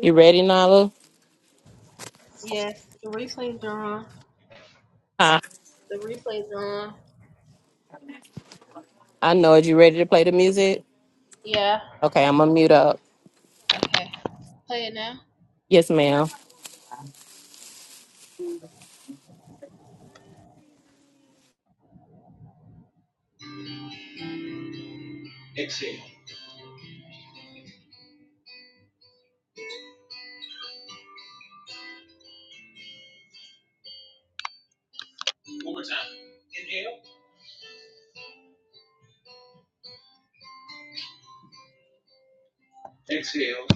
You ready, Nala? Yes, the replays are on. Huh? The replays are on. I know it. You ready to play the music? Yeah. Okay, I'm gonna mute up. Okay. Play it now. Yes, ma'am. Exhale. One more time. Inhale. Exhale.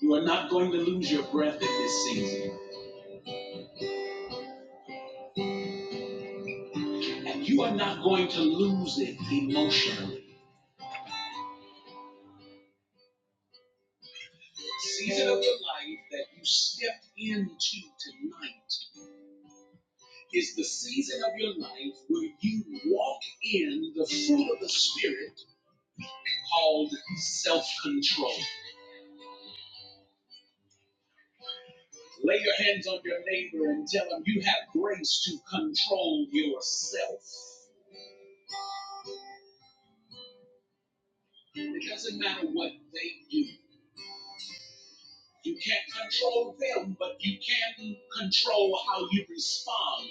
You are not going to lose your breath in this season. And you are not going to lose it emotionally. Season of your life that you stepped into tonight is the season of your life where you walk in the fruit of the Spirit called self control. Lay your hands on your neighbor and tell them you have grace to control yourself. It doesn't matter what they do. You can't control them, but you can control how you respond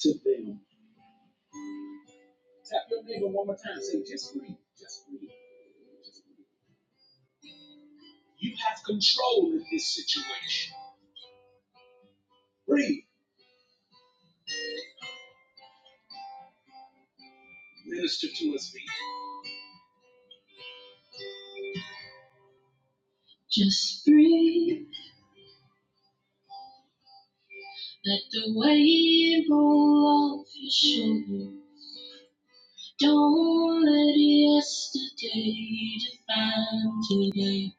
to them. Tap your neighbor one more time. Say, just breathe, just breathe, just breathe. You have control in this situation. Breathe. Minister to us, be. Just breathe. Let the weight roll off your shoulders. Don't let yesterday define today.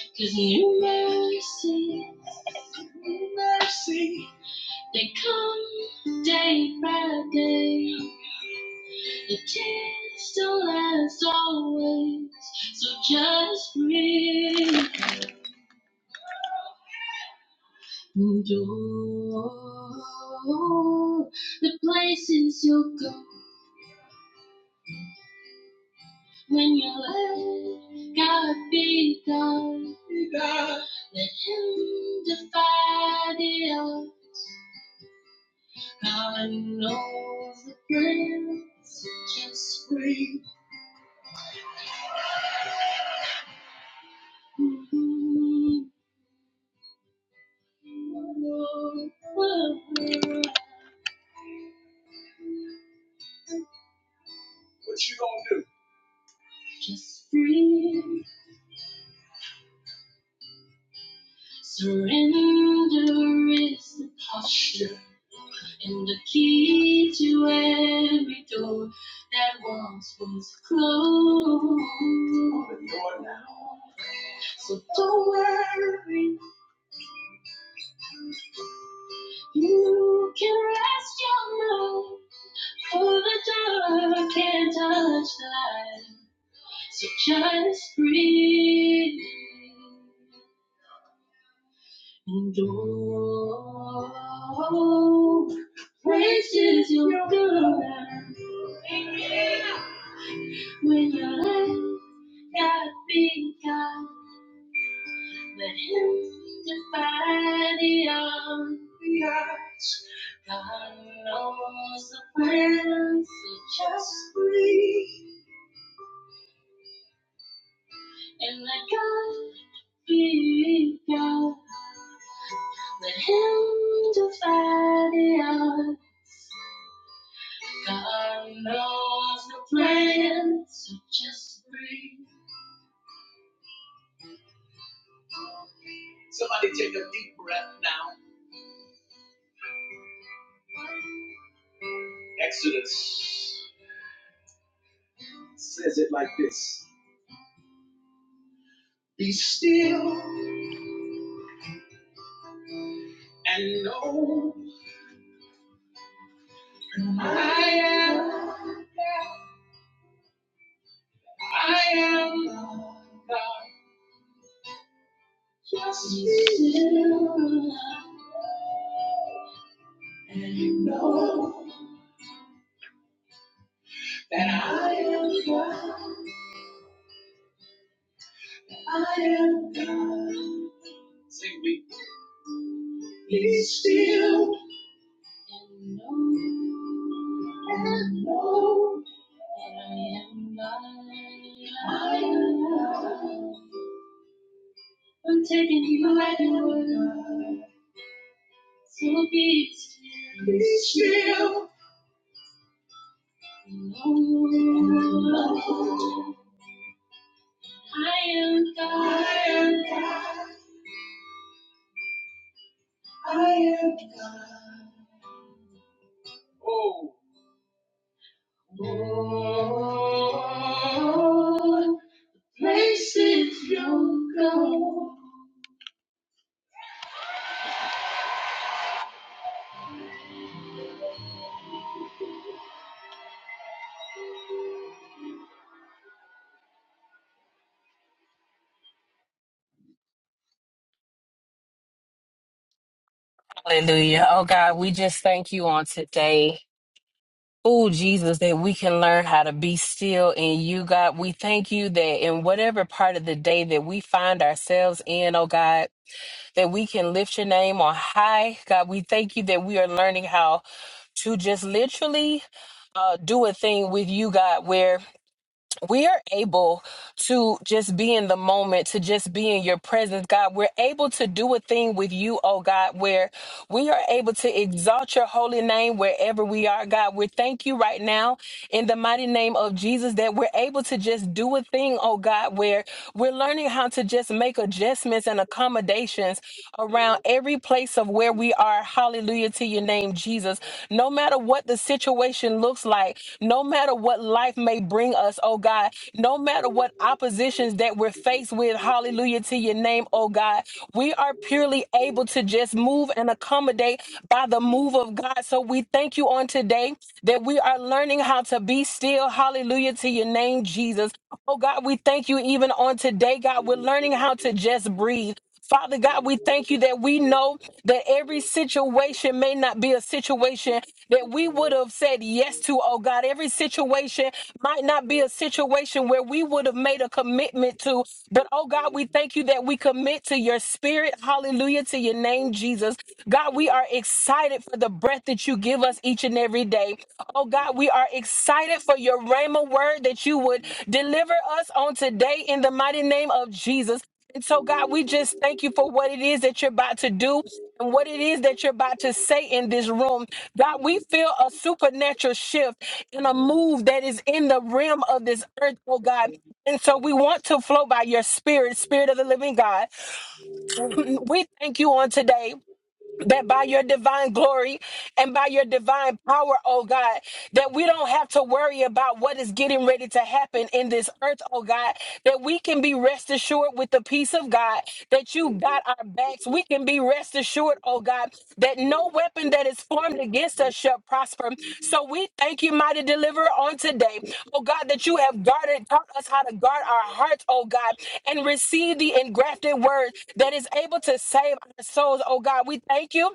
'Cause new mercy, new mercy, they come day by day. The tears don't last always, so just breathe. And all the places you'll go. When your word, God be done. Be done. Let him defy the odds. God knows the prayers so just pray. Mhm. What you gonna do? Just breathe. Surrender is the posture. And the key to every door that once was closed. So don't worry, you can rest your mind, for the dark can't touch the light. So just breathe in. and oh, praises your God when you're Not be God, Let Him to the odds. God knows the plans, so just breathe. And let God be God, let Him to the odds. God knows the plans, so just breathe. Somebody take a deep breath now. Exodus says it like this Be still and know I am, I am the just that I am, I am. Say we, be still and know and know I am God. I am. I'm taking my word, so be still. Be still. know. I am God. I am God. I am God. Oh. Oh, oh, oh, places you go. Hallelujah. Oh God, we just thank you on today. Oh Jesus, that we can learn how to be still in you, God. We thank you that in whatever part of the day that we find ourselves in, oh God, that we can lift your name on high. God, we thank you that we are learning how to just literally uh, do a thing with you, God, where we are able to just be in the moment, to just be in your presence, God. We're able to do a thing with you, oh God, where we are able to exalt your holy name wherever we are, God. We thank you right now in the mighty name of Jesus that we're able to just do a thing, oh God, where we're learning how to just make adjustments and accommodations around every place of where we are. Hallelujah to your name, Jesus. No matter what the situation looks like, no matter what life may bring bring us, oh God. No matter what oppositions that we're faced with, hallelujah to your name, oh God. We are purely able to just move and accommodate by the move of God. So we thank you on today that we are learning how to be still, hallelujah to your name, Jesus. Oh God, we thank you even on today, God. We're learning how to just breathe. Father God, we thank you that we know that every situation may not be a situation that we would have said yes to, oh God. Every situation might not be a situation where we would have made a commitment to. But oh God, we thank you that we commit to your spirit. Hallelujah to your name, Jesus. God, we are excited for the breath that you give us each and every day. Oh God, we are excited for your Rhema word that you would deliver us on today in the mighty name of Jesus. And so, God, we just thank you for what it is that you're about to do and what it is that you're about to say in this room. God, we feel a supernatural shift. In a move that is in the realm of this earth, oh God. And so we want to flow by your spirit, spirit of the living God. We thank you on today that by your divine glory and by your divine power, oh God, that we don't have to worry about what is getting ready to happen in this earth, oh God, that we can be rest assured with the peace of God, that you got our backs. We can be rest assured, oh God, God, that no weapon that is formed against us shall prosper. So we thank you, mighty deliverer, on today. Oh God, that you have guarded, taught us how to guard our hearts, oh God, and receive the engrafted word that is able to save our souls, oh God. We thank you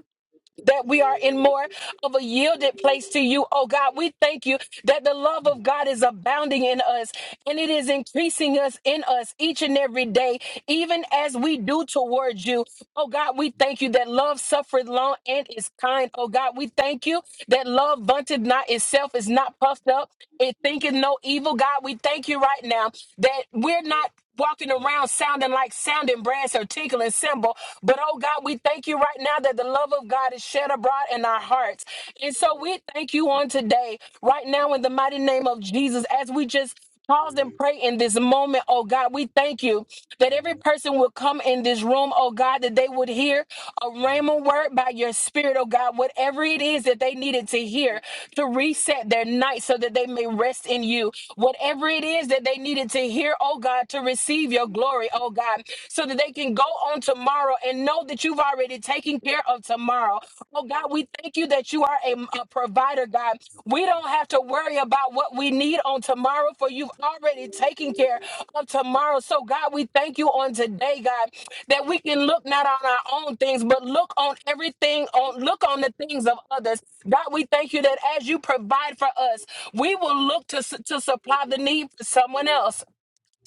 that we are in more of a yielded place to you. Oh God, we thank you that the love of God is abounding in us and it is increasing us in us each and every day, even as we do towards you. Oh God, we thank you that love suffereth long and is kind. Oh God, we thank you that love vaunteth not itself, is not puffed up, it thinketh no evil. God, we thank you right now that we're not walking around sounding like sounding brass or tinkling cymbal. But oh God, we thank you right now that the love of God is shed abroad in our hearts. And so we thank you on today, right now, in the mighty name of Jesus, as we just pause and pray in this moment, oh God, we thank you that every person will come in this room, oh God, that they would hear a rhema word by your spirit, oh God, whatever it is that they needed to hear to reset their night so that they may rest in you. Whatever it is that they needed to God, to hear, oh God, to receive your glory, oh God, so that they can go on tomorrow and know that you've already taken care of tomorrow. Oh God, we thank you that you are a, a provider, God. We don't have to worry about what we need on tomorrow, for you've already taken care of tomorrow. So, God, we thank you on today, God, that we can look not on our own things, but look on everything, on look on the things of others. God, we thank you that as you provide for us, we will look to, su- to supply the need for someone else.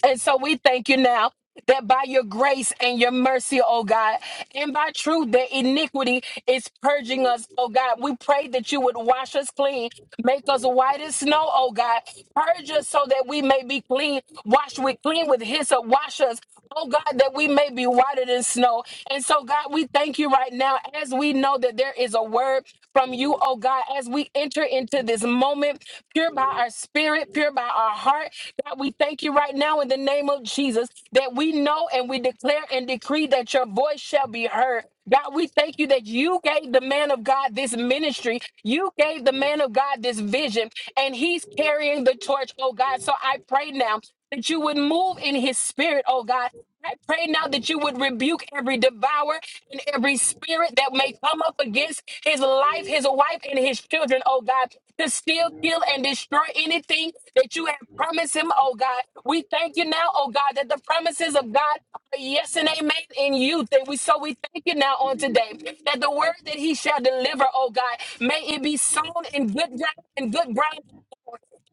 And so we thank you now that by your grace and your mercy, oh God, and by truth, that iniquity is purging us, oh God. We pray that you would wash us clean, make us white as snow, oh God. Purge us so that we may be clean, wash with clean with hyssop, wash us. Oh God, that we may be whiter than snow. And so, God, we thank you right now as we know that there is a word from you, oh God, as we enter into this moment, pure by our spirit, pure by our heart, God, we thank you right now in the name of Jesus that we know and we declare and decree that your voice shall be heard. God, we thank you that you gave the man of God this ministry. You gave the man of God this vision, and he's carrying the torch, oh God. So I pray now that you would move in his spirit, oh God I pray now that you would rebuke every devourer and every spirit that may come up against his life, his wife, and his children, oh God, to steal, kill, and destroy anything that you have promised him, oh God. We thank you now, oh God, that the promises of God are yes and amen in you. That we so we thank you now on today that the word that he shall deliver, oh God, may it be sown in good ground and good ground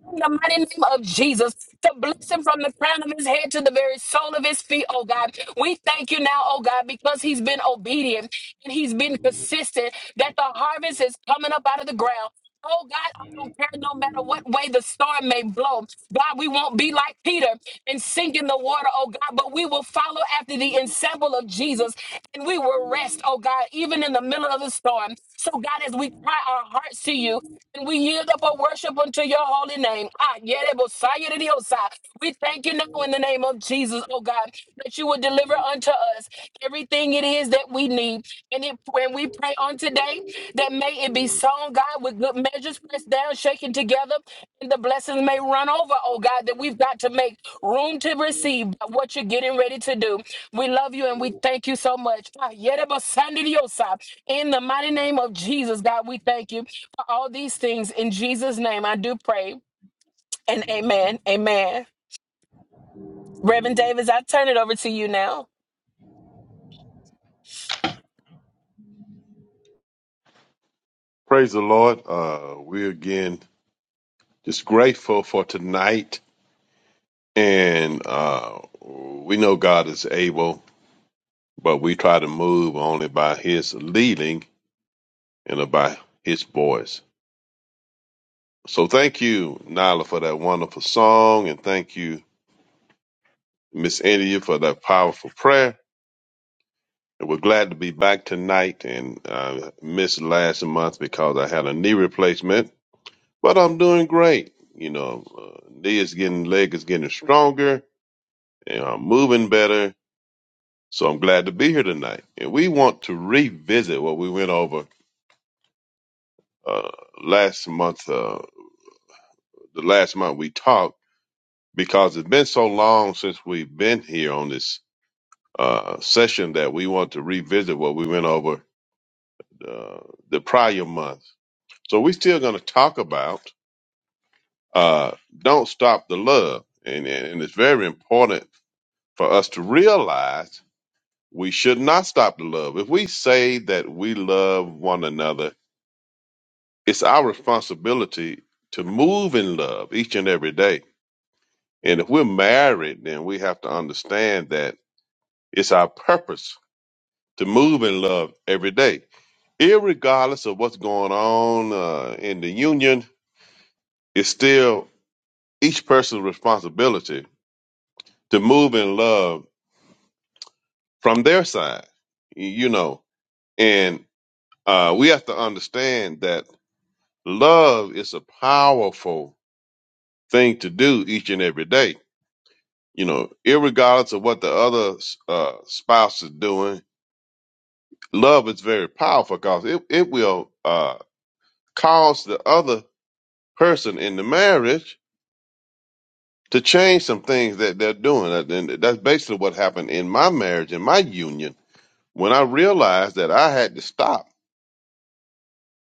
in the mighty name of Jesus to bless him from the crown of his head to the very sole of his feet, oh God. We thank you now, oh God, because he's been obedient and he's been consistent that the harvest is coming up out of the ground. Oh God, I don't care no matter what way the storm may blow. God, we won't be like Peter and sink in the water, oh God, but we will follow after the example of Jesus and we will rest, oh God, even in the middle of the storm. So, God, as we cry our hearts to you, and we yield up our worship unto your holy name. Ah, yerebosaya de diosai. We thank you now in the name of Jesus, oh God, that you will deliver unto us everything it is that we need. And if, when we pray on today, that may it be sown, God, with good measures, pressed down, shaken working together and the blessings may run over, oh God, that we've got to make room to receive what you're getting ready to do. We love you and we thank you so much. Ah, yerebasandidiosa. In the mighty name of Jesus, God, we thank you for all these things. In Jesus' name, I do pray and amen. Amen. Reverend Davis, I turn it over to you now. Praise the Lord. Uh, we're again just grateful for tonight. And uh, we know God is able, but we try to move only by His leading and by His voice. So thank you, Nyla, for that wonderful song. And thank you, Miss India, for that powerful prayer. And we're glad to be back tonight and uh, missed last month because I had a knee replacement, but I'm doing great. You know, uh, knee is getting, leg is getting stronger and I'm moving better. So I'm glad to be here tonight. And we want to revisit what we went over uh, last month. Uh, the last month we talked because it's been so long since we've been here on this uh, session that we want to revisit what we went over uh, the prior month. So we're still going to talk about uh, don't stop the love, and, and and it's very important for us to realize. We should not stop to love. If we say that we love one another, it's our responsibility to move in love each and every day. And if we're married, then we have to understand that it's our purpose to move in love every day. Irregardless of what's going on uh, in the union, it's still each person's responsibility to move in love from their side, you know. And uh, we have to understand that love is a powerful thing to do each and every day. You know, irregardless of what the other uh, spouse is doing, love is very powerful because it, it will uh, cause the other person in the marriage to change some things that they're doing. And that's basically what happened in my marriage, in my union, when I realized that I had to stop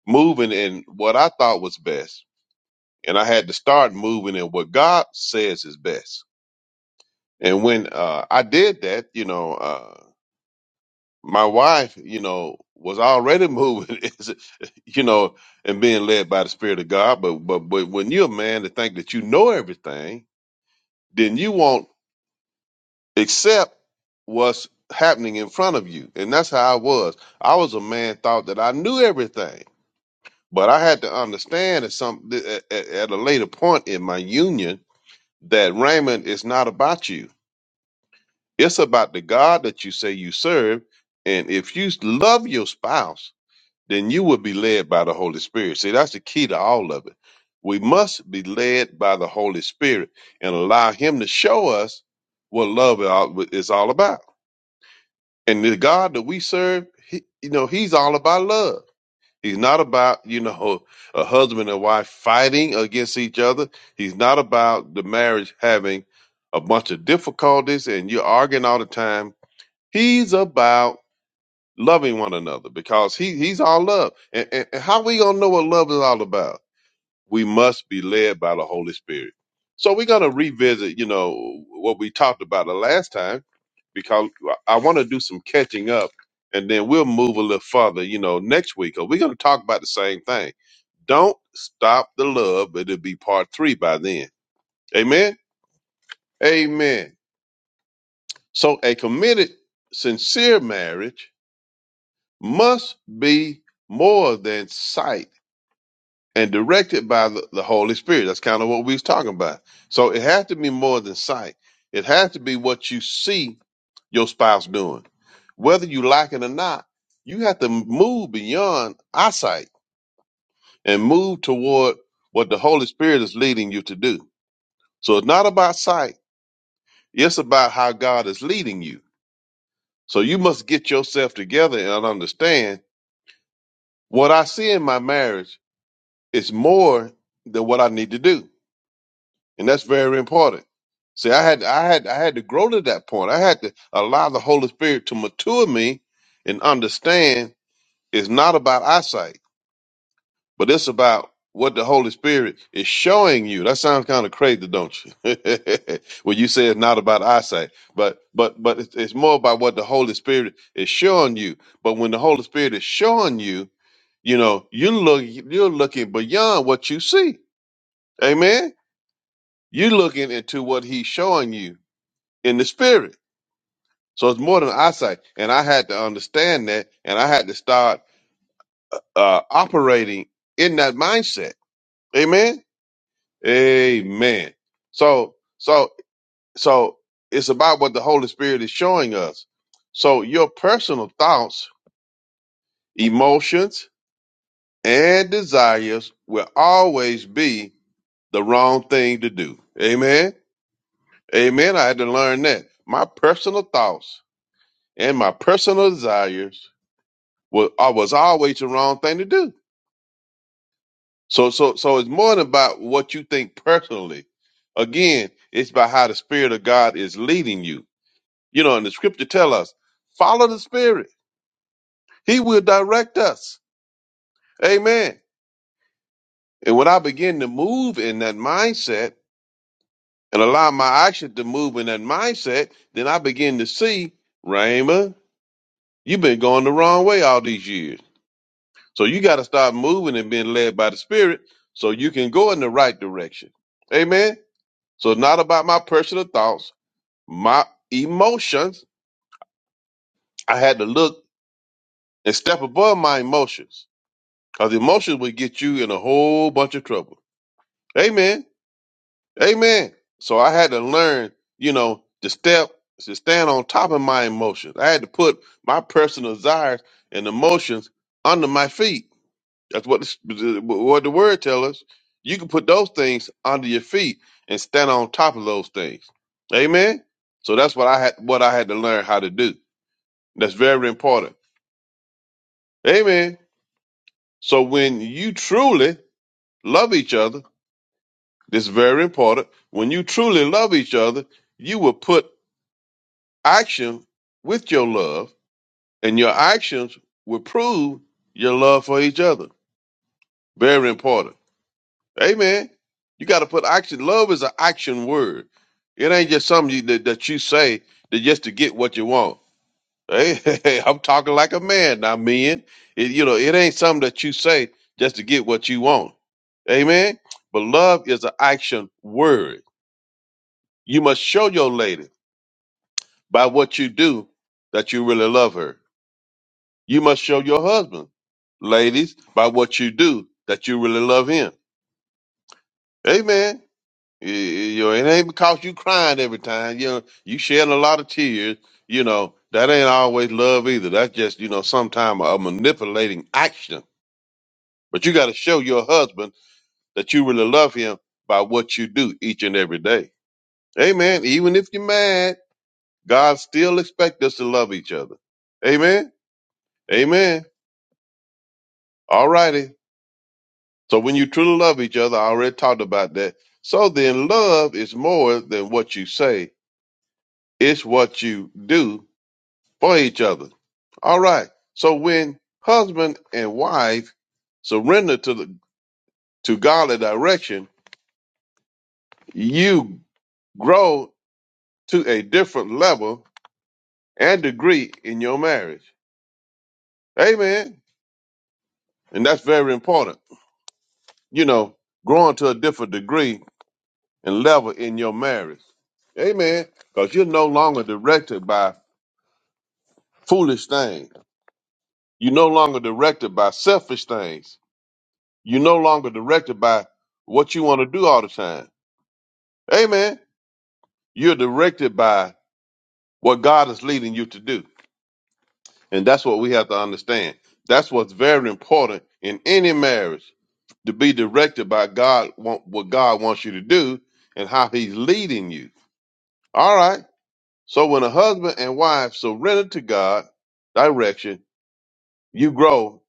moving in what I thought was best. And I had to start moving in what God says is best And when uh, I did that, you know, uh, my wife, you know, was already moving, is- you know, and being led by the Spirit of God. But but but when you're a man to think that you know everything, then you won't accept what's happening in front of you. And that's how I was. I was a man thought that I knew everything, but I had to understand at some at, at at a later point in my union that Raymond is not about you It's about the God that you say you serve. And if you love your spouse, then you will be led by the Holy Spirit. See, that's the key to all of it. We must be led by the Holy Spirit and allow Him to show us what love is all about. And the God that we serve, he, you know, He's all about love. He's not about, you know, a husband and wife fighting against each other. He's not about the marriage having a bunch of difficulties and you're arguing all the time He's about loving one another because he he's all love. And, and, and how we gonna know what love is all about? We must be led by the Holy Spirit. So we're gonna revisit, you know, what we talked about the last time because I want to do some catching up, and then we'll move a little further, you know, next week. Cause we're gonna talk about the same thing. Don't stop the love, but it'll be part three by then. Amen. Amen. So a committed, sincere marriage must be more than sight and directed by the, the Holy Spirit. That's kind of what we was talking about. So it has to be more than sight. It has to be what you see your spouse doing. Whether you like it or not, you have to move beyond eyesight and move toward what the Holy Spirit is leading you to do. So it's not about sight, it's about how God is leading you. So you must get yourself together and understand what I see in my marriage It's more than what I need to do, and that's very important. See, I had, I had, I had to grow to that point. I had to allow the Holy Spirit to mature me and understand it's not about eyesight, but it's about what the Holy Spirit is showing you. That sounds kind of crazy, don't you? when you say it's not about eyesight, but but but it's, it's more about what the Holy Spirit is showing you. But when the Holy Spirit is showing you, you know, you look, you're looking beyond what you see. Amen. You're looking into what he's showing you in the spirit. So it's more than eyesight. And I had to understand that and I had to start uh, operating in that mindset. Amen. Amen. So, so, so it's about what the Holy Spirit is showing us. So your personal thoughts, emotions, and desires will always be the wrong thing to do. Amen. Amen. I had to learn that. My personal thoughts and my personal desires was I was always the wrong thing to do. So so so it's more than about what you think personally. Again, it's about how the Spirit of God is leading you. You know, and the Scripture tell us follow the Spirit; He will direct us. Amen. And when I begin to move in that mindset and allow my action to move in that mindset, then I begin to see, Raymond, you've been going the wrong way all these years. So you got to start moving and being led by the Spirit so you can go in the right direction. Amen. So it's not about my personal thoughts, my emotions. I had to look and step above my emotions because emotions will get you in a whole bunch of trouble. Amen. Amen. So I had to learn, you know, to step, to stand on top of my emotions. I had to put my personal desires and emotions under my feet That's what the, what the word tells us. You can put those things under your feet and stand on top of those things. Amen. So that's what I had what I had to learn how to do. That's very important. Amen. So when you truly love each other, this is very important. When you truly love each other, you will put action with your love, and your actions will prove your love for each other. Very important. Amen. You got to put action. Love is an action word. It ain't just something you, that, that you say that just to get what you want. Hey, I'm talking like a man now, men. It, you know, it ain't something that you say just to get what you want. Amen. But love is an action word. You must show your lady by what you do that you really love her. You must show your husband, ladies, by what you do that you really love him. Amen. You you- know, it ain't because you crying every time. You know, you shed a lot of tears. You know that ain't always love either. That's just you know sometimes a manipulating action. But you got to show your husband that you really love him by what you do each and every day. Amen. Even if you're mad, God still expects us to love each other. Amen. Amen. All righty. So when you truly love each other, I already talked about that. So then, love is more than what you say; it's what you do for each other. All right. So when husband and wife surrender to the to godly direction, you grow to a different level and degree in your marriage. Amen. And that's very important. You know, growing to a different degree and level in your marriage. Amen. Because you're no longer directed by foolish things. You're no longer directed by selfish things. You're no longer directed by what you want to do all the time Amen. You're directed by what God is leading you to do. And that's what we have to understand. That's what's very important in any marriage to be directed by God, want- what God wants you to do and how he's leading you. All right. So when a husband and wife surrender to God direction, you grow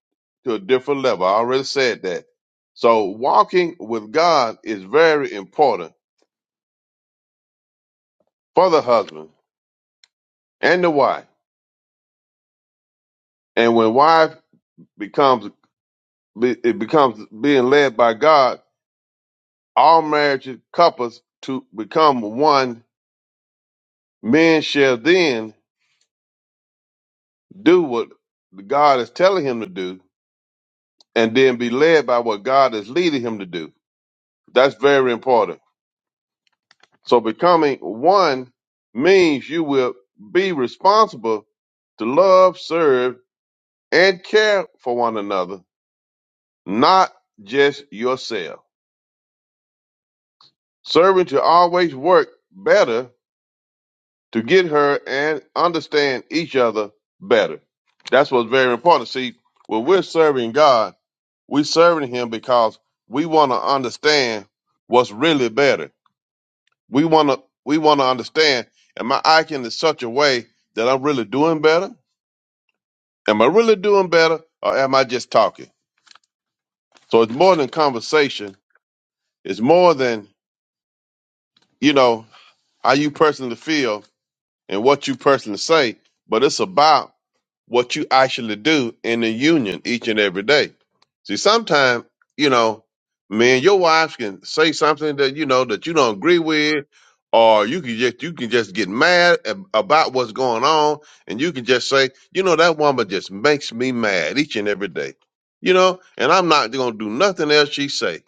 to a different level. I already said that. So walking with God is very important for the husband and the wife. And when wife becomes Be- It becomes being led by God. All marriage couples to become one. Men shall then do what God is telling him to do, and then be led by what God is leading him to do. That's very important. So becoming one means you will be responsible to love, serve, and care for one another, not just yourself. Serving to always work better to get her and understand each other better. That's what's very important. See, when we're serving God, we're serving Him because we want to understand what's really better. We want to we want to understand: Am I acting in such a way that I'm really doing better? Am I really doing better, or am I just talking? So it's more than conversation. It's more than you know how you personally feel and what you personally say. But it's about what you actually do in the union each and every day. See, sometimes, you know, man, your wives can say something that, you know, that you don't agree with, or you can just, you can just get mad ab- about what's going on. And you can just say, you know, that woman just makes me mad each and every day, you know, and I'm not going to do nothing else she say.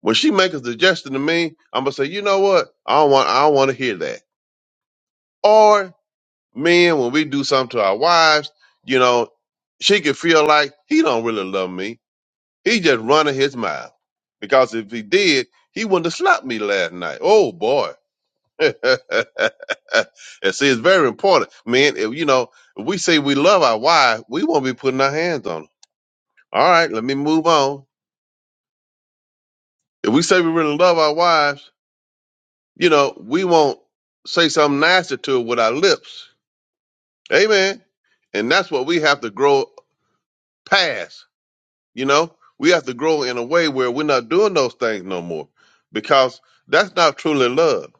When she makes a suggestion to me, I'm going to say, you know what? I don't want, I don't want to hear that. Men, when we do something to our wives, you know, she could feel like he don't really love me. He just running his mouth. Because if he did, he wouldn't have slapped me last night. Oh boy. and see, it's very important. Man, if you know, if we say we love our wives, we won't be putting our hands on them. All right, let me move on. If we say we really love our wives, you know, we won't say something nasty to her with our lips. Amen. And that's what we have to grow past You know, we have to grow in a way where we're not doing those things no more because that's not truly love.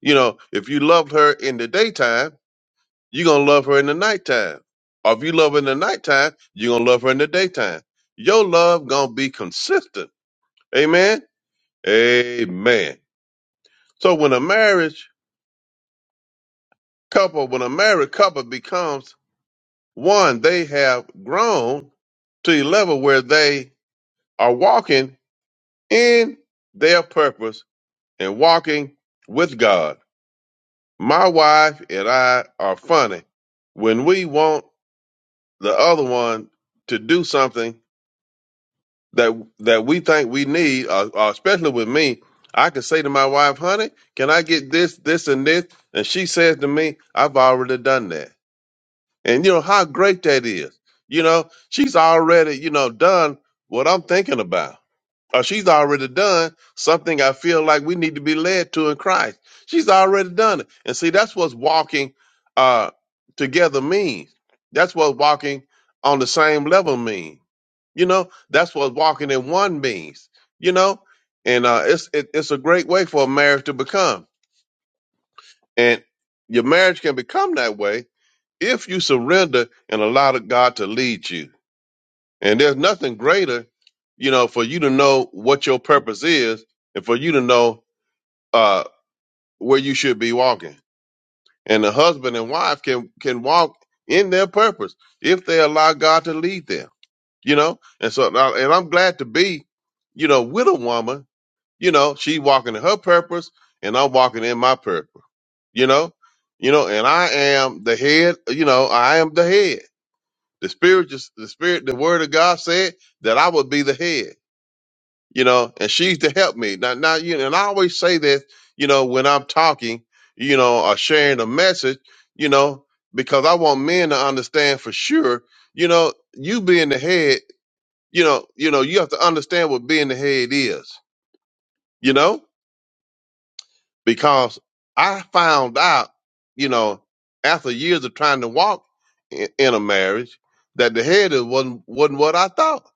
You know, if you loved her in the daytime, you're going to love her in the nighttime. Or if you love her in the nighttime, you're going to love her in the daytime. Your love going to be consistent. Amen. Amen. So when a marriage couple, when a married couple becomes one, they have grown to a level where they are walking in their purpose and walking with God. My wife and I are funny. When we want the other one to do something that that we think we need, uh, uh, especially with me, I can say to my wife, "Honey, can I get this, this, and this?" And she says to me, "I've already done that." And you know how great that is. You know, she's already you know done what I'm thinking about or she's already done something I feel like we need to be led to in Christ. She's already done it. And see, that's what walking uh, together means. That's what walking on the same level means. You know, that's what walking in one means, you know, and uh, it's, it, it's a great way for a marriage to become. And your marriage can become that way if you surrender and allow God to lead you and there's nothing greater, you know, for you to know what your purpose is and for you to know uh, where you should be walking. And the husband and wife can can walk in their purpose if they allow God to lead them, you know. And so, and I- and I'm glad to be, you know, with a woman. You know, she walking in her purpose, and I'm walking in my purpose. You know, you know, and I am the head. You know, I am the head. The spirit, just the spirit, the word of God said that I would be the head you know, and she's to help me. Now, now, you know, and I always say this, you know, when I'm talking, you know, or sharing a message, you know, because I want men to understand for sure, you know, you being the head, you know, you know, you have to understand what being the head is, you know, because I found out, you know, after years of trying to walk in, in a marriage, that the head is- wasn't wasn't what I thought,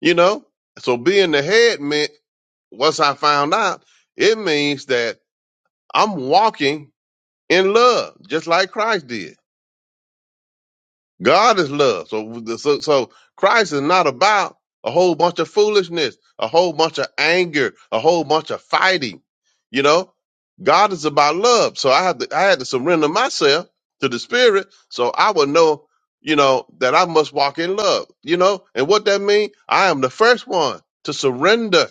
you know. So being the head meant Once I found out, it means that I'm walking in love, just like Christ did. God is love. So, so, so Christ is not about a whole bunch of foolishness, a whole bunch of anger, a whole bunch of fighting. You know, God is about love. So I had to, I had to surrender myself to the Spirit, so I would know, you know, that I must walk in love. You know, and what that means, I am the first one to surrender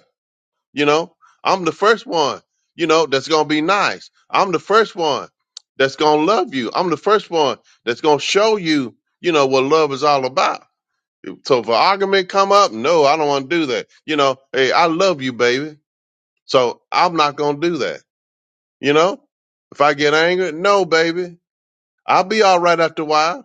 you know, I'm the first one, you know, that's going to be nice. I'm the first one that's going to love you. I'm the first one that's going to show you, you know, what love is all about. So if an argument come up, no, I don't want to do that. You know, hey, I love you, baby. So I'm not going to do that. You know, if I get angry, no, baby, I'll be all right after a while.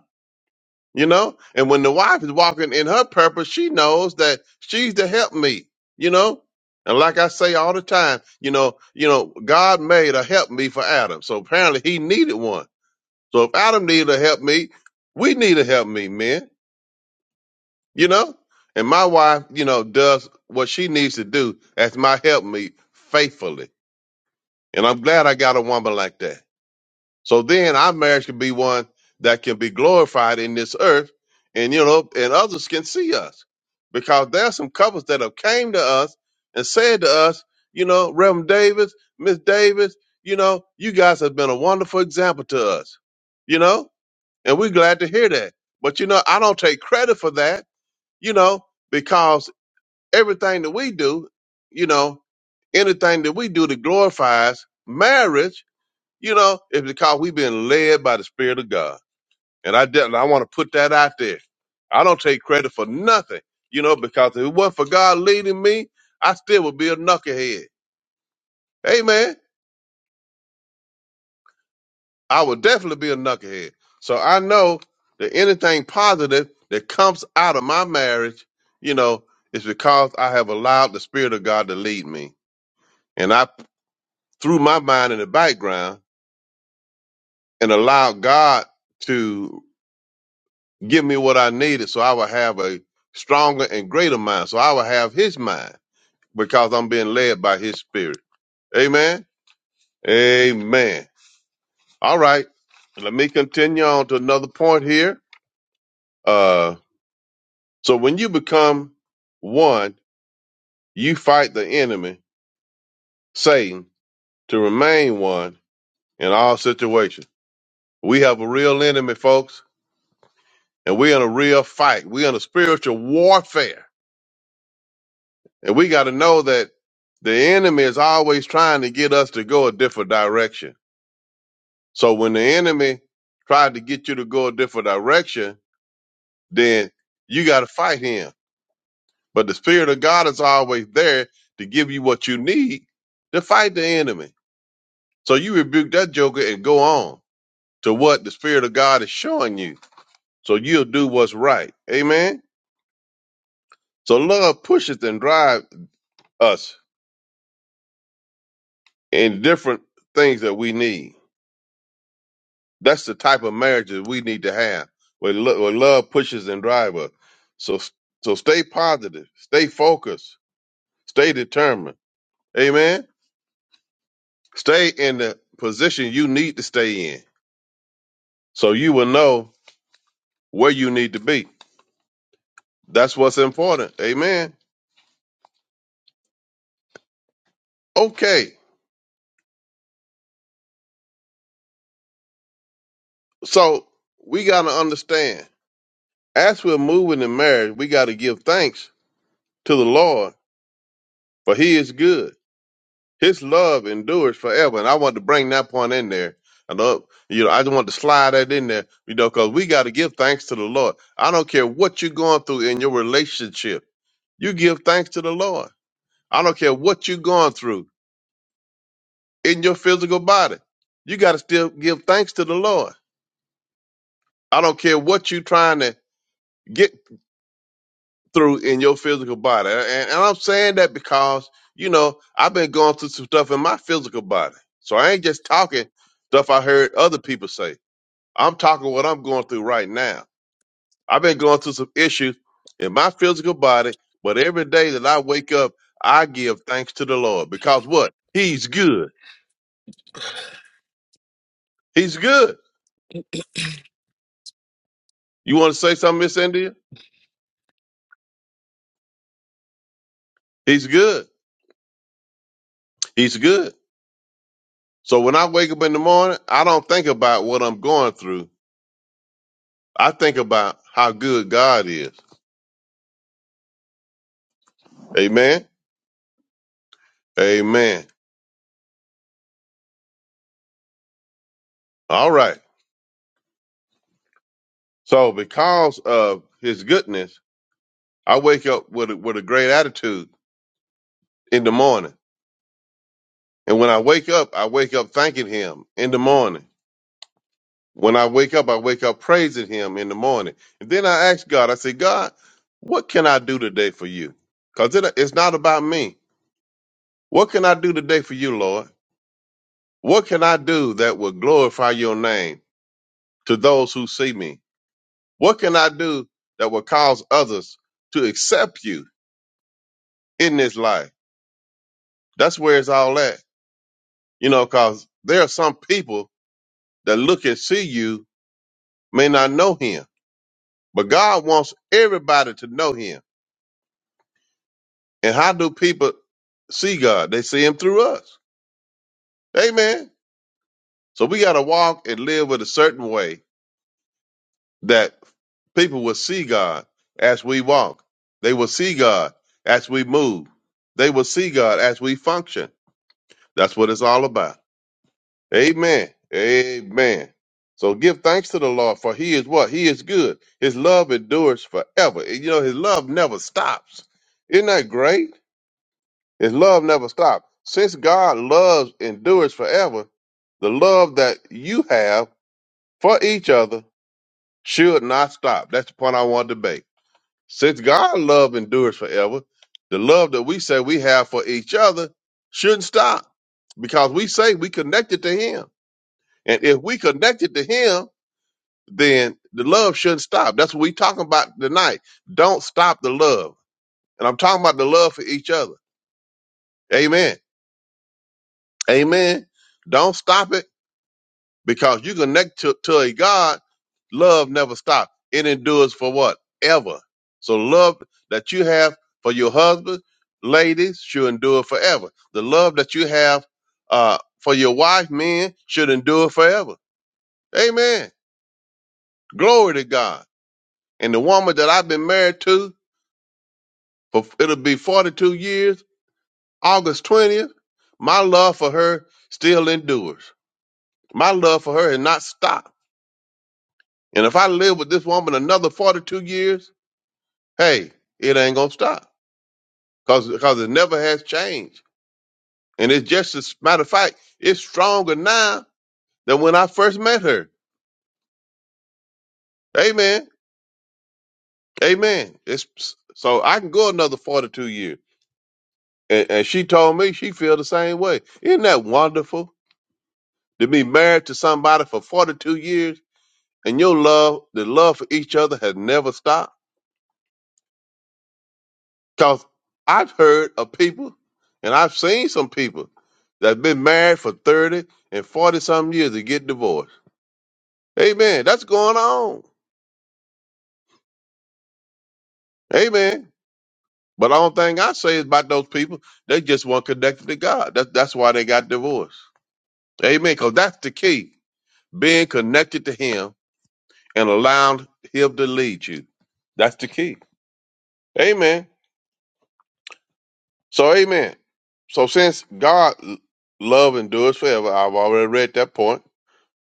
You know? And when the wife is walking in her purpose, she knows that she's the helpmeet, you know? And like I say all the time, you know, you know, God made a help me for Adam. So apparently he needed one. So if Adam needed a help me, we need a help me, men, you know? And my wife, you know, does what she needs to do as my help me faithfully. And I'm glad I got a woman like that. So then our marriage can be one that can be glorified in this earth and you know and others can see us. Because there are some couples that have came to us and said to us, you know, Reverend Davis, Miss Davis, you know, you guys have been a wonderful example to us. You know? And we're glad to hear that. But you know, I don't take credit for that, you know, because everything that we do, you know, anything that we do that glorifies marriage you know, it's because we've been led by the Spirit of God. And I definitely I want to put that out there. I don't take credit for nothing, you know, because if it wasn't for God leading me, I still would be a knucklehead. Amen. I would definitely be a knucklehead. So I know that anything positive that comes out of my marriage, you know, is because I have allowed the Spirit of God to lead me. And I threw my mind in the background and allowed God to give me what I needed so I would have a stronger and greater mind. So I would have his mind because I'm being led by his spirit. Amen. Amen. All right. Let me continue on to another point here. Uh, so when you become one, you fight the enemy, Satan, to remain one in all situations. We have a real enemy, folks, and we're in a real fight. We're in a spiritual warfare And we got to know that the enemy is always trying to get us to go a different direction. So when the enemy tried to get you to go a different direction, then you got to fight him. But the spirit of God is always there to give you what you need to fight the enemy. So you rebuke that joker and go on to what the spirit of God is showing you. So you'll do what's right. Amen. So love pushes and drives us in different things that we need. That's the type of marriage that we need to have, where, lo- where love pushes and drives. us. So, so stay positive, stay focused, stay determined. Amen. Stay in the position you need to stay in, so you will know where you need to be. That's what's important. Amen. Okay, so we got to understand as we're moving in marriage, we got to give thanks to the Lord, for He is good His love endures forever. And I wanted to bring that point in there. I love, you know, I just wanted to slide that in there, you know, because we got to give thanks to the Lord. I don't care what you're going through in your relationship. You give thanks to the Lord. I don't care what you're going through in your physical body. You got to still give thanks to the Lord. I don't care what you're trying to get through in your physical body. And, and I'm saying that because, you know, I've been going through some stuff in my physical body. So I ain't just talking stuff I heard other people say. I'm talking what I'm going through right now. I've been going through some issues in my physical body, but every day that I wake up, I give thanks to the Lord because what? He's good. He's good. You want to say something, Miss India? He's good. He's good. So when I wake up in the morning, I don't think about what I'm going through. I think about how good God is. Amen. Amen. All right. So because of his goodness, I wake up with a, with a great attitude in the morning And when I wake up, I wake up thanking him in the morning. When I wake up, I wake up praising him in the morning. And then I ask God, I say, God, what can I do today for you? Because it, it's not about me. What can I do today for you, Lord? What can I do that will glorify your name to those who see me? What can I do that will cause others to accept you in this life? That's where it's all at. You know, because there are some people that look and see you may not know him But God wants everybody to know him. And how do people see God? They see him through us. Amen. So we got to walk and live with a certain way that people will see God as we walk. They will see God as we move. They will see God as we function. That's what it's all about. Amen. Amen. So give thanks to the Lord for he is what? He is good. His love endures forever. And You know, his love never stops. Isn't that great? His love never stops. Since God loves endures forever, the love that you have for each other should not stop. That's the point I want to make. Since God's love endures forever, the love that we say we have for each other shouldn't stop because we say we connected to him. And if we connected to him, then the love shouldn't stop. That's what we talking about tonight. Don't stop the love. And I'm talking about the love for each other. Amen. Amen. Don't stop it because you connect to, to a God, love never stops. It endures for what? Ever. So love that you have for your husband, ladies, should endure forever. The love that you have uh, for your wife, men, should endure forever. Amen. Glory to God. And the woman that I've been married to for it'll be 42 years, August 20th, my love for her still endures. My love for her has not stopped. And if I live with this woman another 42 years, hey, it ain't gonna stop because cause it never has changed. And it's just as matter of fact, it's stronger now than when I first met her. Amen. Amen. It's so I can go another forty two years. And, and she told me she feel the same way. Isn't that wonderful to be married to somebody for forty two years and your love, the love for each other has never stopped? Cause I've heard of people and I've seen some people that's been married for 30 and 40 something years to get divorced. Amen. That's going on. Amen. But the only thing I say is about those people, they just weren't connected to God. That, that's why they got divorced. Amen. Because that's the key. Being connected to Him and allowing Him to lead you. That's the key. Amen. So, amen. So, since God love endures forever, I've already read that point.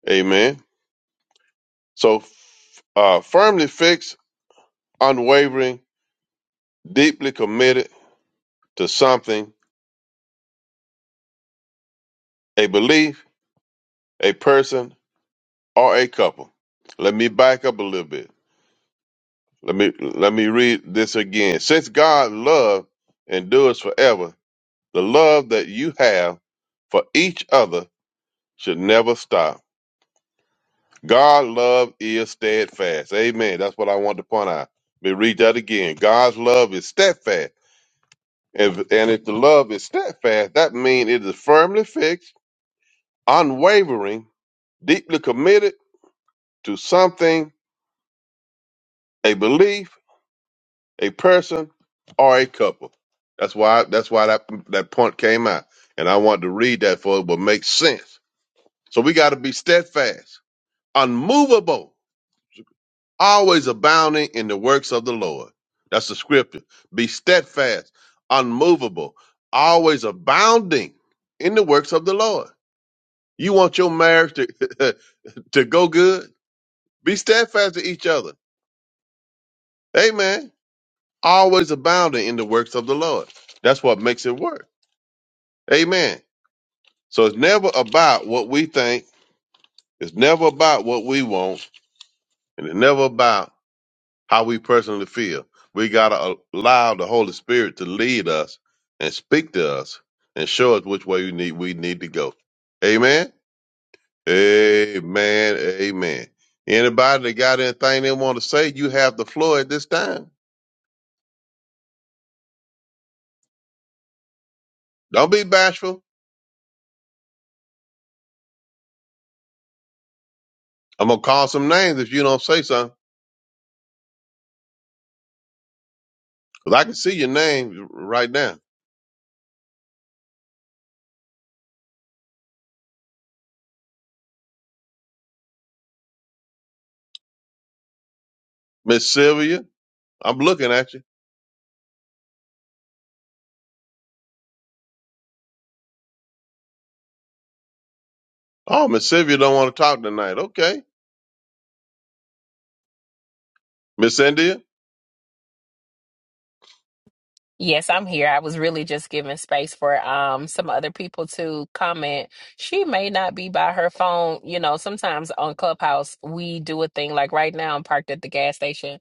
Amen. So, f- uh, firmly fixed, unwavering, deeply committed to something, a belief, a person, or a couple. Let me back up a little bit. Let me let me read this again. Since God love endures forever, the love that you have for each other should never stop. God love is steadfast. Amen. That's what I want to point out. Let me read that again. God's love is steadfast If, and if the love is steadfast, that means it is firmly fixed, unwavering, deeply committed to something, a belief, a person, or a couple. That's why that's why that that point came out. And I wanted to read that for it would make sense. So we gotta be steadfast, unmovable, always abounding in the works of the Lord. That's the scripture. Be steadfast, unmovable, always abounding in the works of the Lord You want your marriage to, to go good? Be steadfast to each other. Amen. Always abounding in the works of the Lord. That's what makes it work. Amen. So it's never about what we think. It's never about what we want. And it's never about how we personally feel. We got to allow the Holy Spirit to lead us and speak to us and show us which way we need, we need to go. Amen. Amen. Amen. Anybody that got anything they want to say, you have the floor at this time. Don't be bashful. I'm gonna call some names if you don't say something. 'Cause I can see your name right now. Miss Sylvia, I'm looking at you. Oh, Miss Sylvia don't want to talk tonight. Okay. Miss India, Yes, I'm here. I was really just giving space for um some other people to comment. She may not be by her phone. You know, sometimes on Clubhouse we do a thing like right now I'm parked at the gas station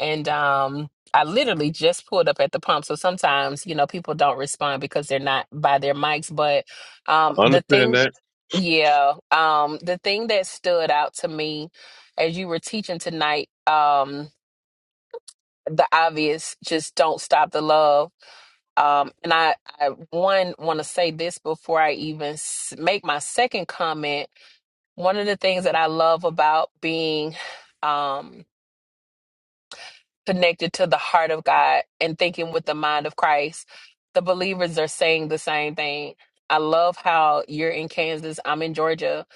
and um I literally just pulled up at the pump. So sometimes, you know, people don't respond because they're not by their mics, but um I the understand thing that. yeah, um the thing that stood out to me as you were teaching tonight um the obvious just don't stop the love um, and I, I one want to say this before I even s- make my second comment. One of the things that I love about being, um, connected to the heart of God and thinking with the mind of Christ, the believers are saying the same thing. I love how you're in Kansas, I'm in Georgia,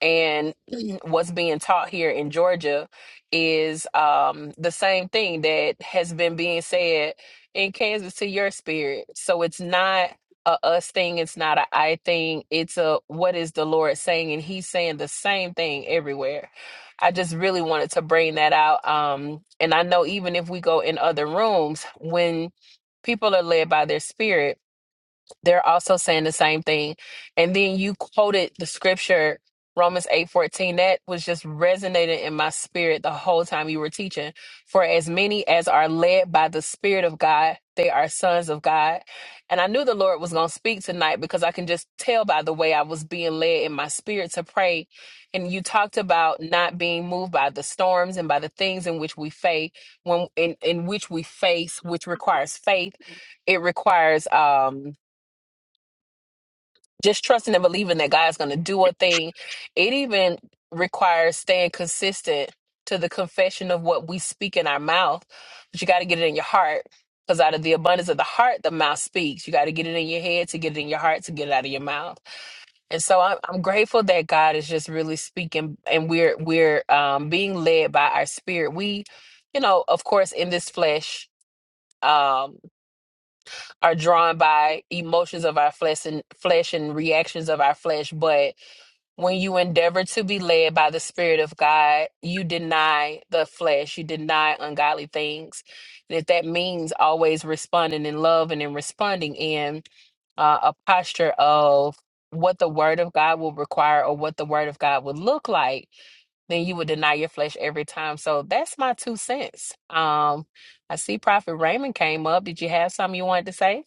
and what's being taught here in Georgia is um, the same thing that has been being said in Kansas to your spirit. So it's not a us thing, it's not a I thing. It's a what is the Lord saying, and He's saying the same thing everywhere I just really wanted to bring that out. Um, and I know even if we go in other rooms, when people are led by their spirit, they're also saying the same thing. And then you quoted the scripture Romans 8:14 that was just resonating in my spirit the whole time you were teaching. For as many as are led by the spirit of God, they are sons of God. And I knew the Lord was going to speak tonight because I can just tell by the way I was being led in my spirit to pray. And you talked about not being moved by the storms and by the things in which we face when in, in which we face which requires faith. It requires um just trusting and believing that God's going to do a thing. It even requires staying consistent to the confession of what we speak in our mouth, but you got to get it in your heart because out of the abundance of the heart, the mouth speaks. You got to get it in your head to get it in your heart to get it out of your mouth. And so I'm, I'm grateful that God is just really speaking, and we're we're um, being led by our spirit. We, you know, of course, in this flesh. Um, are drawn by emotions of our flesh and flesh and reactions of our flesh, but when you endeavor to be led by the Spirit of God, you deny the flesh, you deny ungodly things. And if that means always responding in love and in responding in uh, a posture of what the Word of God will require or what the Word of God would look like, then you would deny your flesh every time. So that's my two cents. Um, I see Prophet Raymond came up. Did you have something you wanted to say?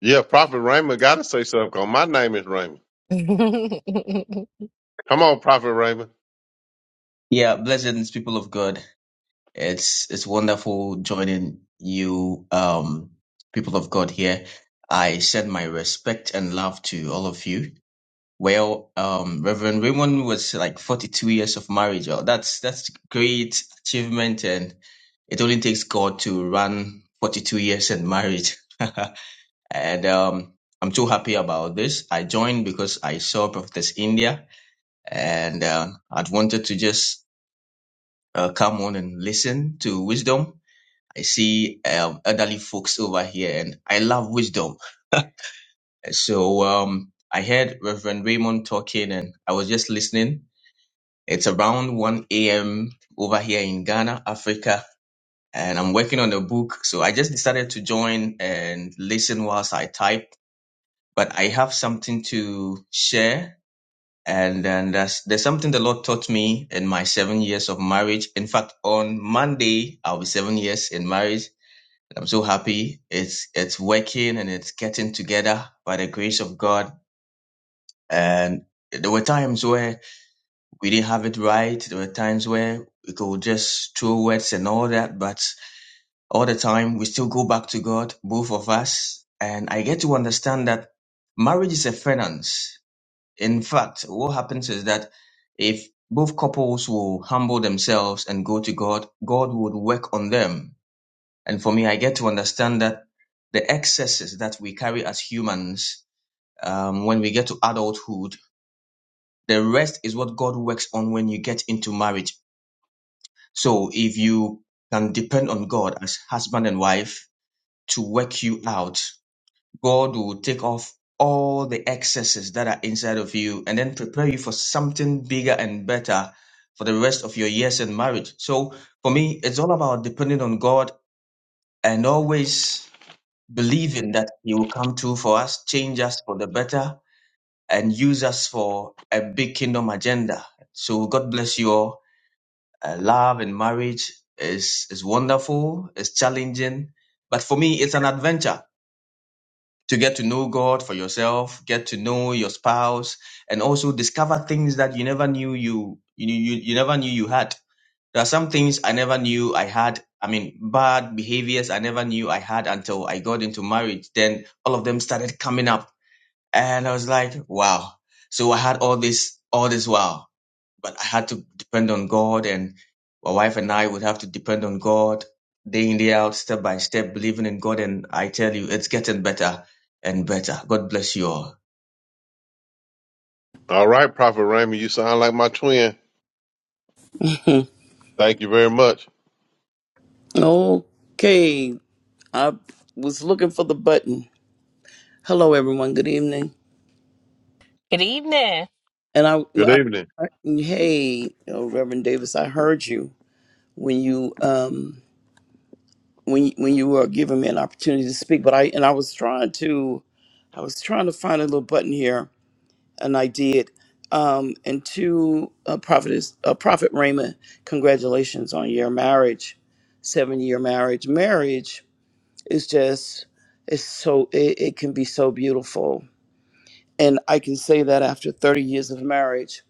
Yeah, Prophet Raymond gotta say something 'cause my name is Raymond. Good Come on, Prophet Raymond. Yeah, blessings, people of God. It's it's wonderful joining you, um, people of God here. I send my respect and love to all of you. Well, um, Reverend Raymond was like 42 years of marriage. Oh, that's that's great achievement, and it only takes God to run 42 years in marriage. and um, I'm so happy about this. I joined because I saw Prophetess India, and uh, I'd wanted to just uh, come on and listen to wisdom. I see um, elderly folks over here, and I love wisdom. So um, I heard Reverend Raymond talking, and I was just listening. It's around 1 a.m. over here in Ghana, Africa, and I'm working on a book. So I just decided to join and listen whilst I type. But I have something to share, and then that's, there's something the Lord taught me in my seven years of marriage. In fact, on Monday, I'll be seven years in marriage I'm so happy. It's it's working and it's getting together by the grace of God. And there were times where we didn't have it right. There were times where we could just throw words and all that, but all the time we still go back to God, both of us. And I get to understand that marriage is a finance. In fact, what happens is that if both couples will humble themselves and go to God, God would work on them and for me, I get to understand that the excesses that we carry as humans, um, when we get to adulthood, the rest is what God works on when you get into marriage. So if you can depend on God as husband and wife to work you out, God will take off all the excesses that are inside of you and then prepare you for something bigger and better for the rest of your years in marriage. So for me, it's all about depending on God and always believing that He will come through for us, change us for the better, and use us for a big kingdom agenda. So God bless you all. Uh, love and marriage is is wonderful, it's challenging, but for me, it's an adventure to get to know God for yourself, get to know your spouse, and also discover things that you never knew you you you, you never knew you had there are some things I never knew I had. I mean, bad behaviors I never knew I had until I got into marriage. Then all of them started coming up, and I was like, wow. So I had all this, all this wow, but I had to depend on God, and my wife and I would have to depend on God day in day out, step by step, believing in God. And I tell you, it's getting better and better. God bless you all. All right, Prophet Raymond, you sound like my twin. Hmm. Thank you very much. Okay, I was looking for the button. Hello, everyone. Good evening. evening. And I, Good I, evening. I hey, uh, Reverend Davis, I heard you when you um when when you were giving me an opportunity to speak. But I and I was trying to, I was trying to find a little button here, and I did. Um, and to uh, prophetess, uh, prophet Raymond, congratulations on your marriage, seven year marriage. Marriage It's just, it's so, it, it can be so beautiful. And I can say that after 30 years of marriage.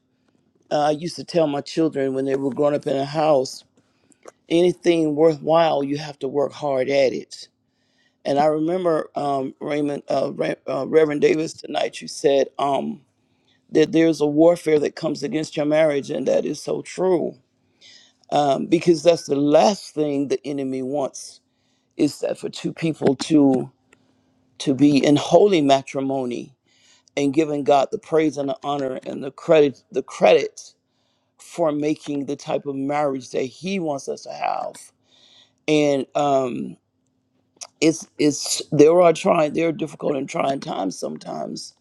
Uh, I used to tell my children when they were growing up in a house, anything worthwhile, you have to work hard at it. And I remember um, Raymond, uh, Re- uh, Reverend Davis tonight, you said um, that there's a warfare that comes against your marriage, and that is so true. Um, because that's the last thing the enemy wants is that for two people to to be in holy matrimony and giving God the praise and the honor and the credit the credit for making the type of marriage that He wants us to have. And um, it's it's there are trying there are difficult and trying times sometimes.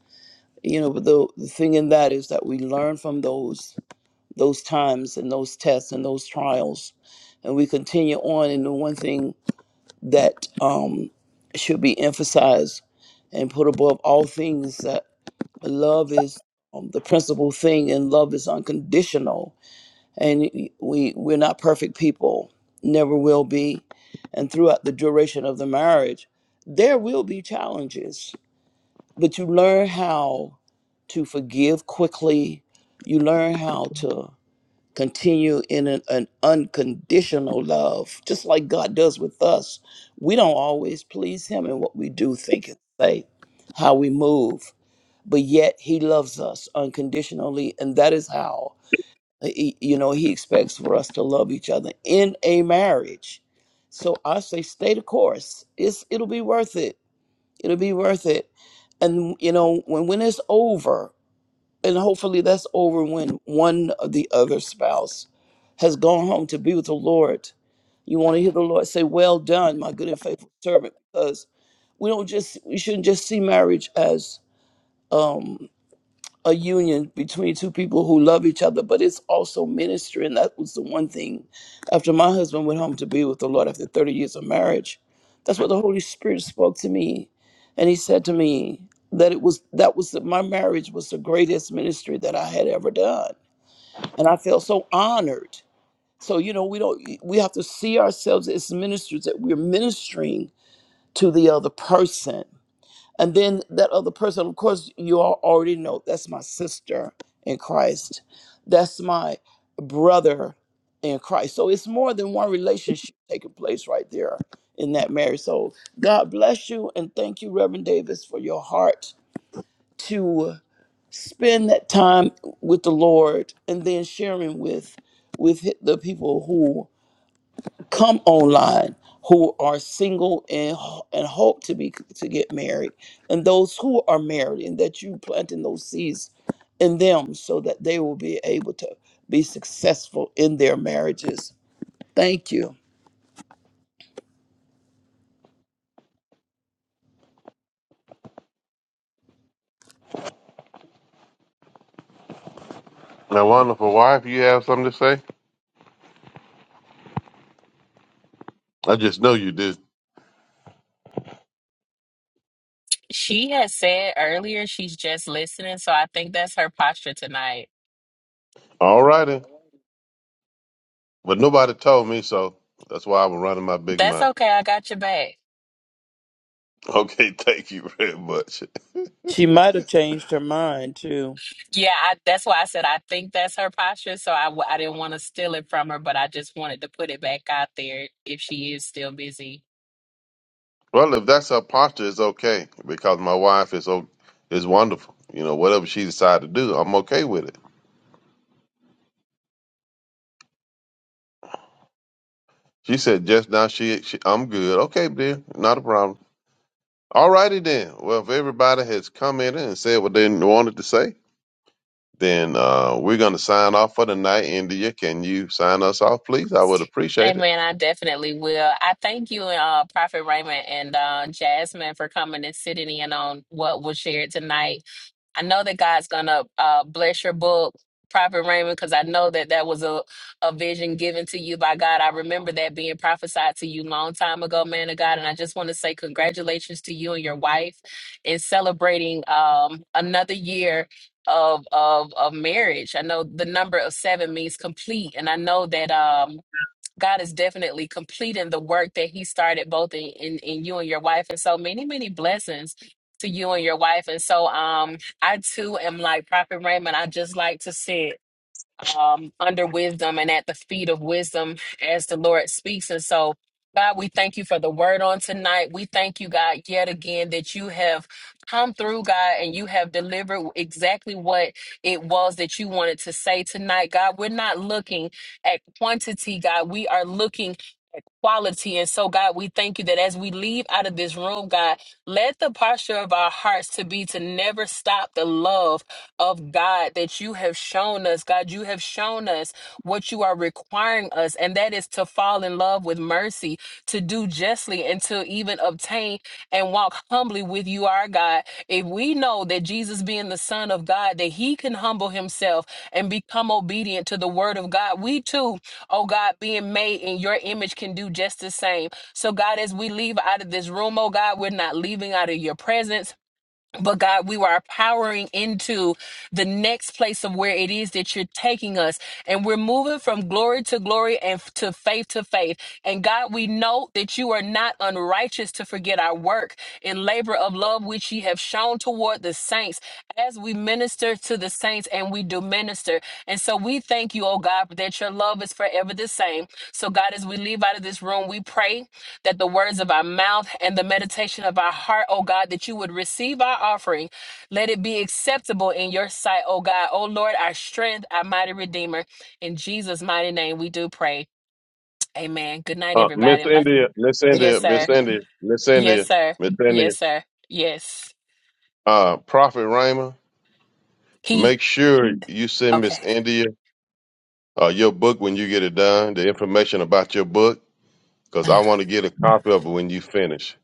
You know, but the, the thing in that is that we learn from those those times and those tests and those trials, and we continue on. And the one thing that um, should be emphasized and put above all things love is um, the principal thing and love is unconditional and we we're not perfect people never will be and throughout the duration of the marriage there will be challenges but you learn how to forgive quickly you learn how to continue in an, an unconditional love just like god does with us we don't always please him in what we do think and say how we move but yet he loves us unconditionally and that is how he- you know he expects for us to love each other in a marriage so i say stay the course it's it'll be worth it it'll be worth it and you know when when it's over and hopefully that's over when one of the other spouse has gone home to be with the lord you want to hear the lord say well done my good and faithful servant because we don't just we shouldn't just see marriage as um a union between two people who love each other, but it's also ministry. And that was the one thing after my husband went home to be with the Lord after 30 years of marriage. That's what the Holy Spirit spoke to me. And he said to me that it was that was that my marriage was the greatest ministry that I had ever done. And I felt so honored. So, you know, we don't we have to see ourselves as ministers that we're ministering to the other person and then that other person, of course, you all already know that's my sister in Christ. That's my brother in Christ. So it's more than one relationship taking place right there in that marriage. So God bless you and thank you, Reverend Davis, for your heart to spend that time with the Lord and then sharing with with hi- the people who come online who are single and and hope to be to get married and those who are married and that you planting those seeds in them so that they will be able to be successful in their marriages thank you My wonderful wife, you have something to say? I just know you did. She has said earlier she's just listening, so I think that's her posture tonight. All righty. But nobody told me, so that's why I'm running my big That's mouth. okay. I got your back. Okay, thank you very much. she might have changed her mind too Yeah, I, that's why I said I think that's her posture. So I, w- I didn't want to steal it from her, but I just wanted to put it back out there if she is still busy. Well, if that's her posture, it's okay because my wife is o- is wonderful. You know, whatever she decided to do, I'm okay with it. She said just now she, she I'm good. Okay, dear, not a problem. All righty then. Well, if everybody has come in and said what they wanted to say, then uh, we're gonna sign off for the night. India, can you sign us off, please? I would appreciate it. Amen. I definitely will. I thank you, uh, Prophet Raymond and uh, Jasmine, for coming and sitting in on what was shared tonight. I know that God's gonna uh, bless your book, Prophet Raymond, because I know that that was a, a vision given to you by God. I remember that being prophesied to you long time ago, man of God. And I just want to say congratulations to you and your wife in celebrating um, another year of, of of marriage. I know the number of seven means complete, and I know that um, God is definitely completing the work that He started both in, in, in you and your wife. And so many, many blessings to you and your wife. And so um I too am like Prophet Raymond. I just like to sit um, under wisdom and at the feet of wisdom as the Lord speaks. And so, God, we thank you for the word on tonight. We thank you, God, yet again that you have come through, God, and you have delivered exactly what it was that you wanted to say tonight. God, we're not looking at quantity, God. We are looking at quality. And so, God, we thank you that as we leave out of this room, God, let the posture of our hearts to be to never stop the love of God that you have shown us. God, you have shown us what you are requiring us, and that is to fall in love with mercy, to do justly, and to even obtain and walk humbly with you, our God. If we know that Jesus, being the Son of God, that he can humble himself and become obedient to the word of God, we too, oh God, being made in your image can do just the same. So, God, as we leave out of this room, oh God, we're not leaving out of your presence but God, we are powering into the next place of where it is that you're taking us. And we're moving from glory to glory and f- to faith to faith. And God, we know that you are not unrighteous to forget our work and labor of love, which ye have shown toward the saints as we minister to the saints and we do minister. And so we thank you, oh God, that your love is forever the same. So God, as we leave out of this room, we pray that the words of our mouth and the meditation of our heart, O God, that you would receive our offering. Let it be acceptable in your sight, O God. O Lord, our strength, our mighty Redeemer. In Jesus' mighty name, we do pray. Amen. Good night, Uh, Miss everybody. And by- India, Miss yes, India, sir. Miss India, Miss Yes, India, sir. Miss India. Yes, sir. Yes. Uh, Prophet Rhema, He, make sure you send okay. Miss India uh, your book when you get it done. The information about your book, because I want to get a copy of it when you finish.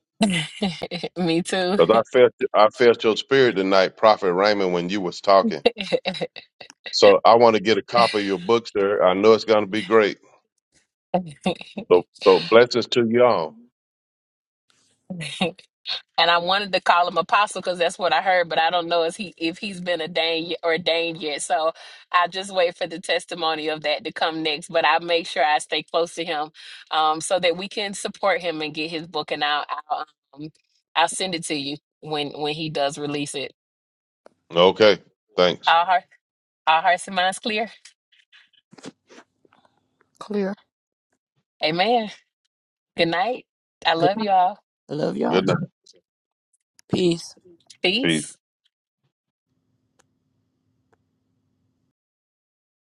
Me too. Because I felt I felt your spirit tonight, Prophet Raymond, when you was talking. So I want to get a copy of your book, sir. I know it's going to be great. So so blessings to y'all. and I wanted to call him apostle because that's what I heard, but I don't know if he if he's been ordained y- ordained yet. So I just wait for the testimony of that to come next. But I make sure I stay close to him, um, so that we can support him and get his book. And I'll I'll, um, I'll send it to you when when he does release it. Okay, thanks. Our heart, our hearts and minds clear. Clear. Amen. Good night. I good love night. you all. i love y'all Good night. peace Peace. Peace.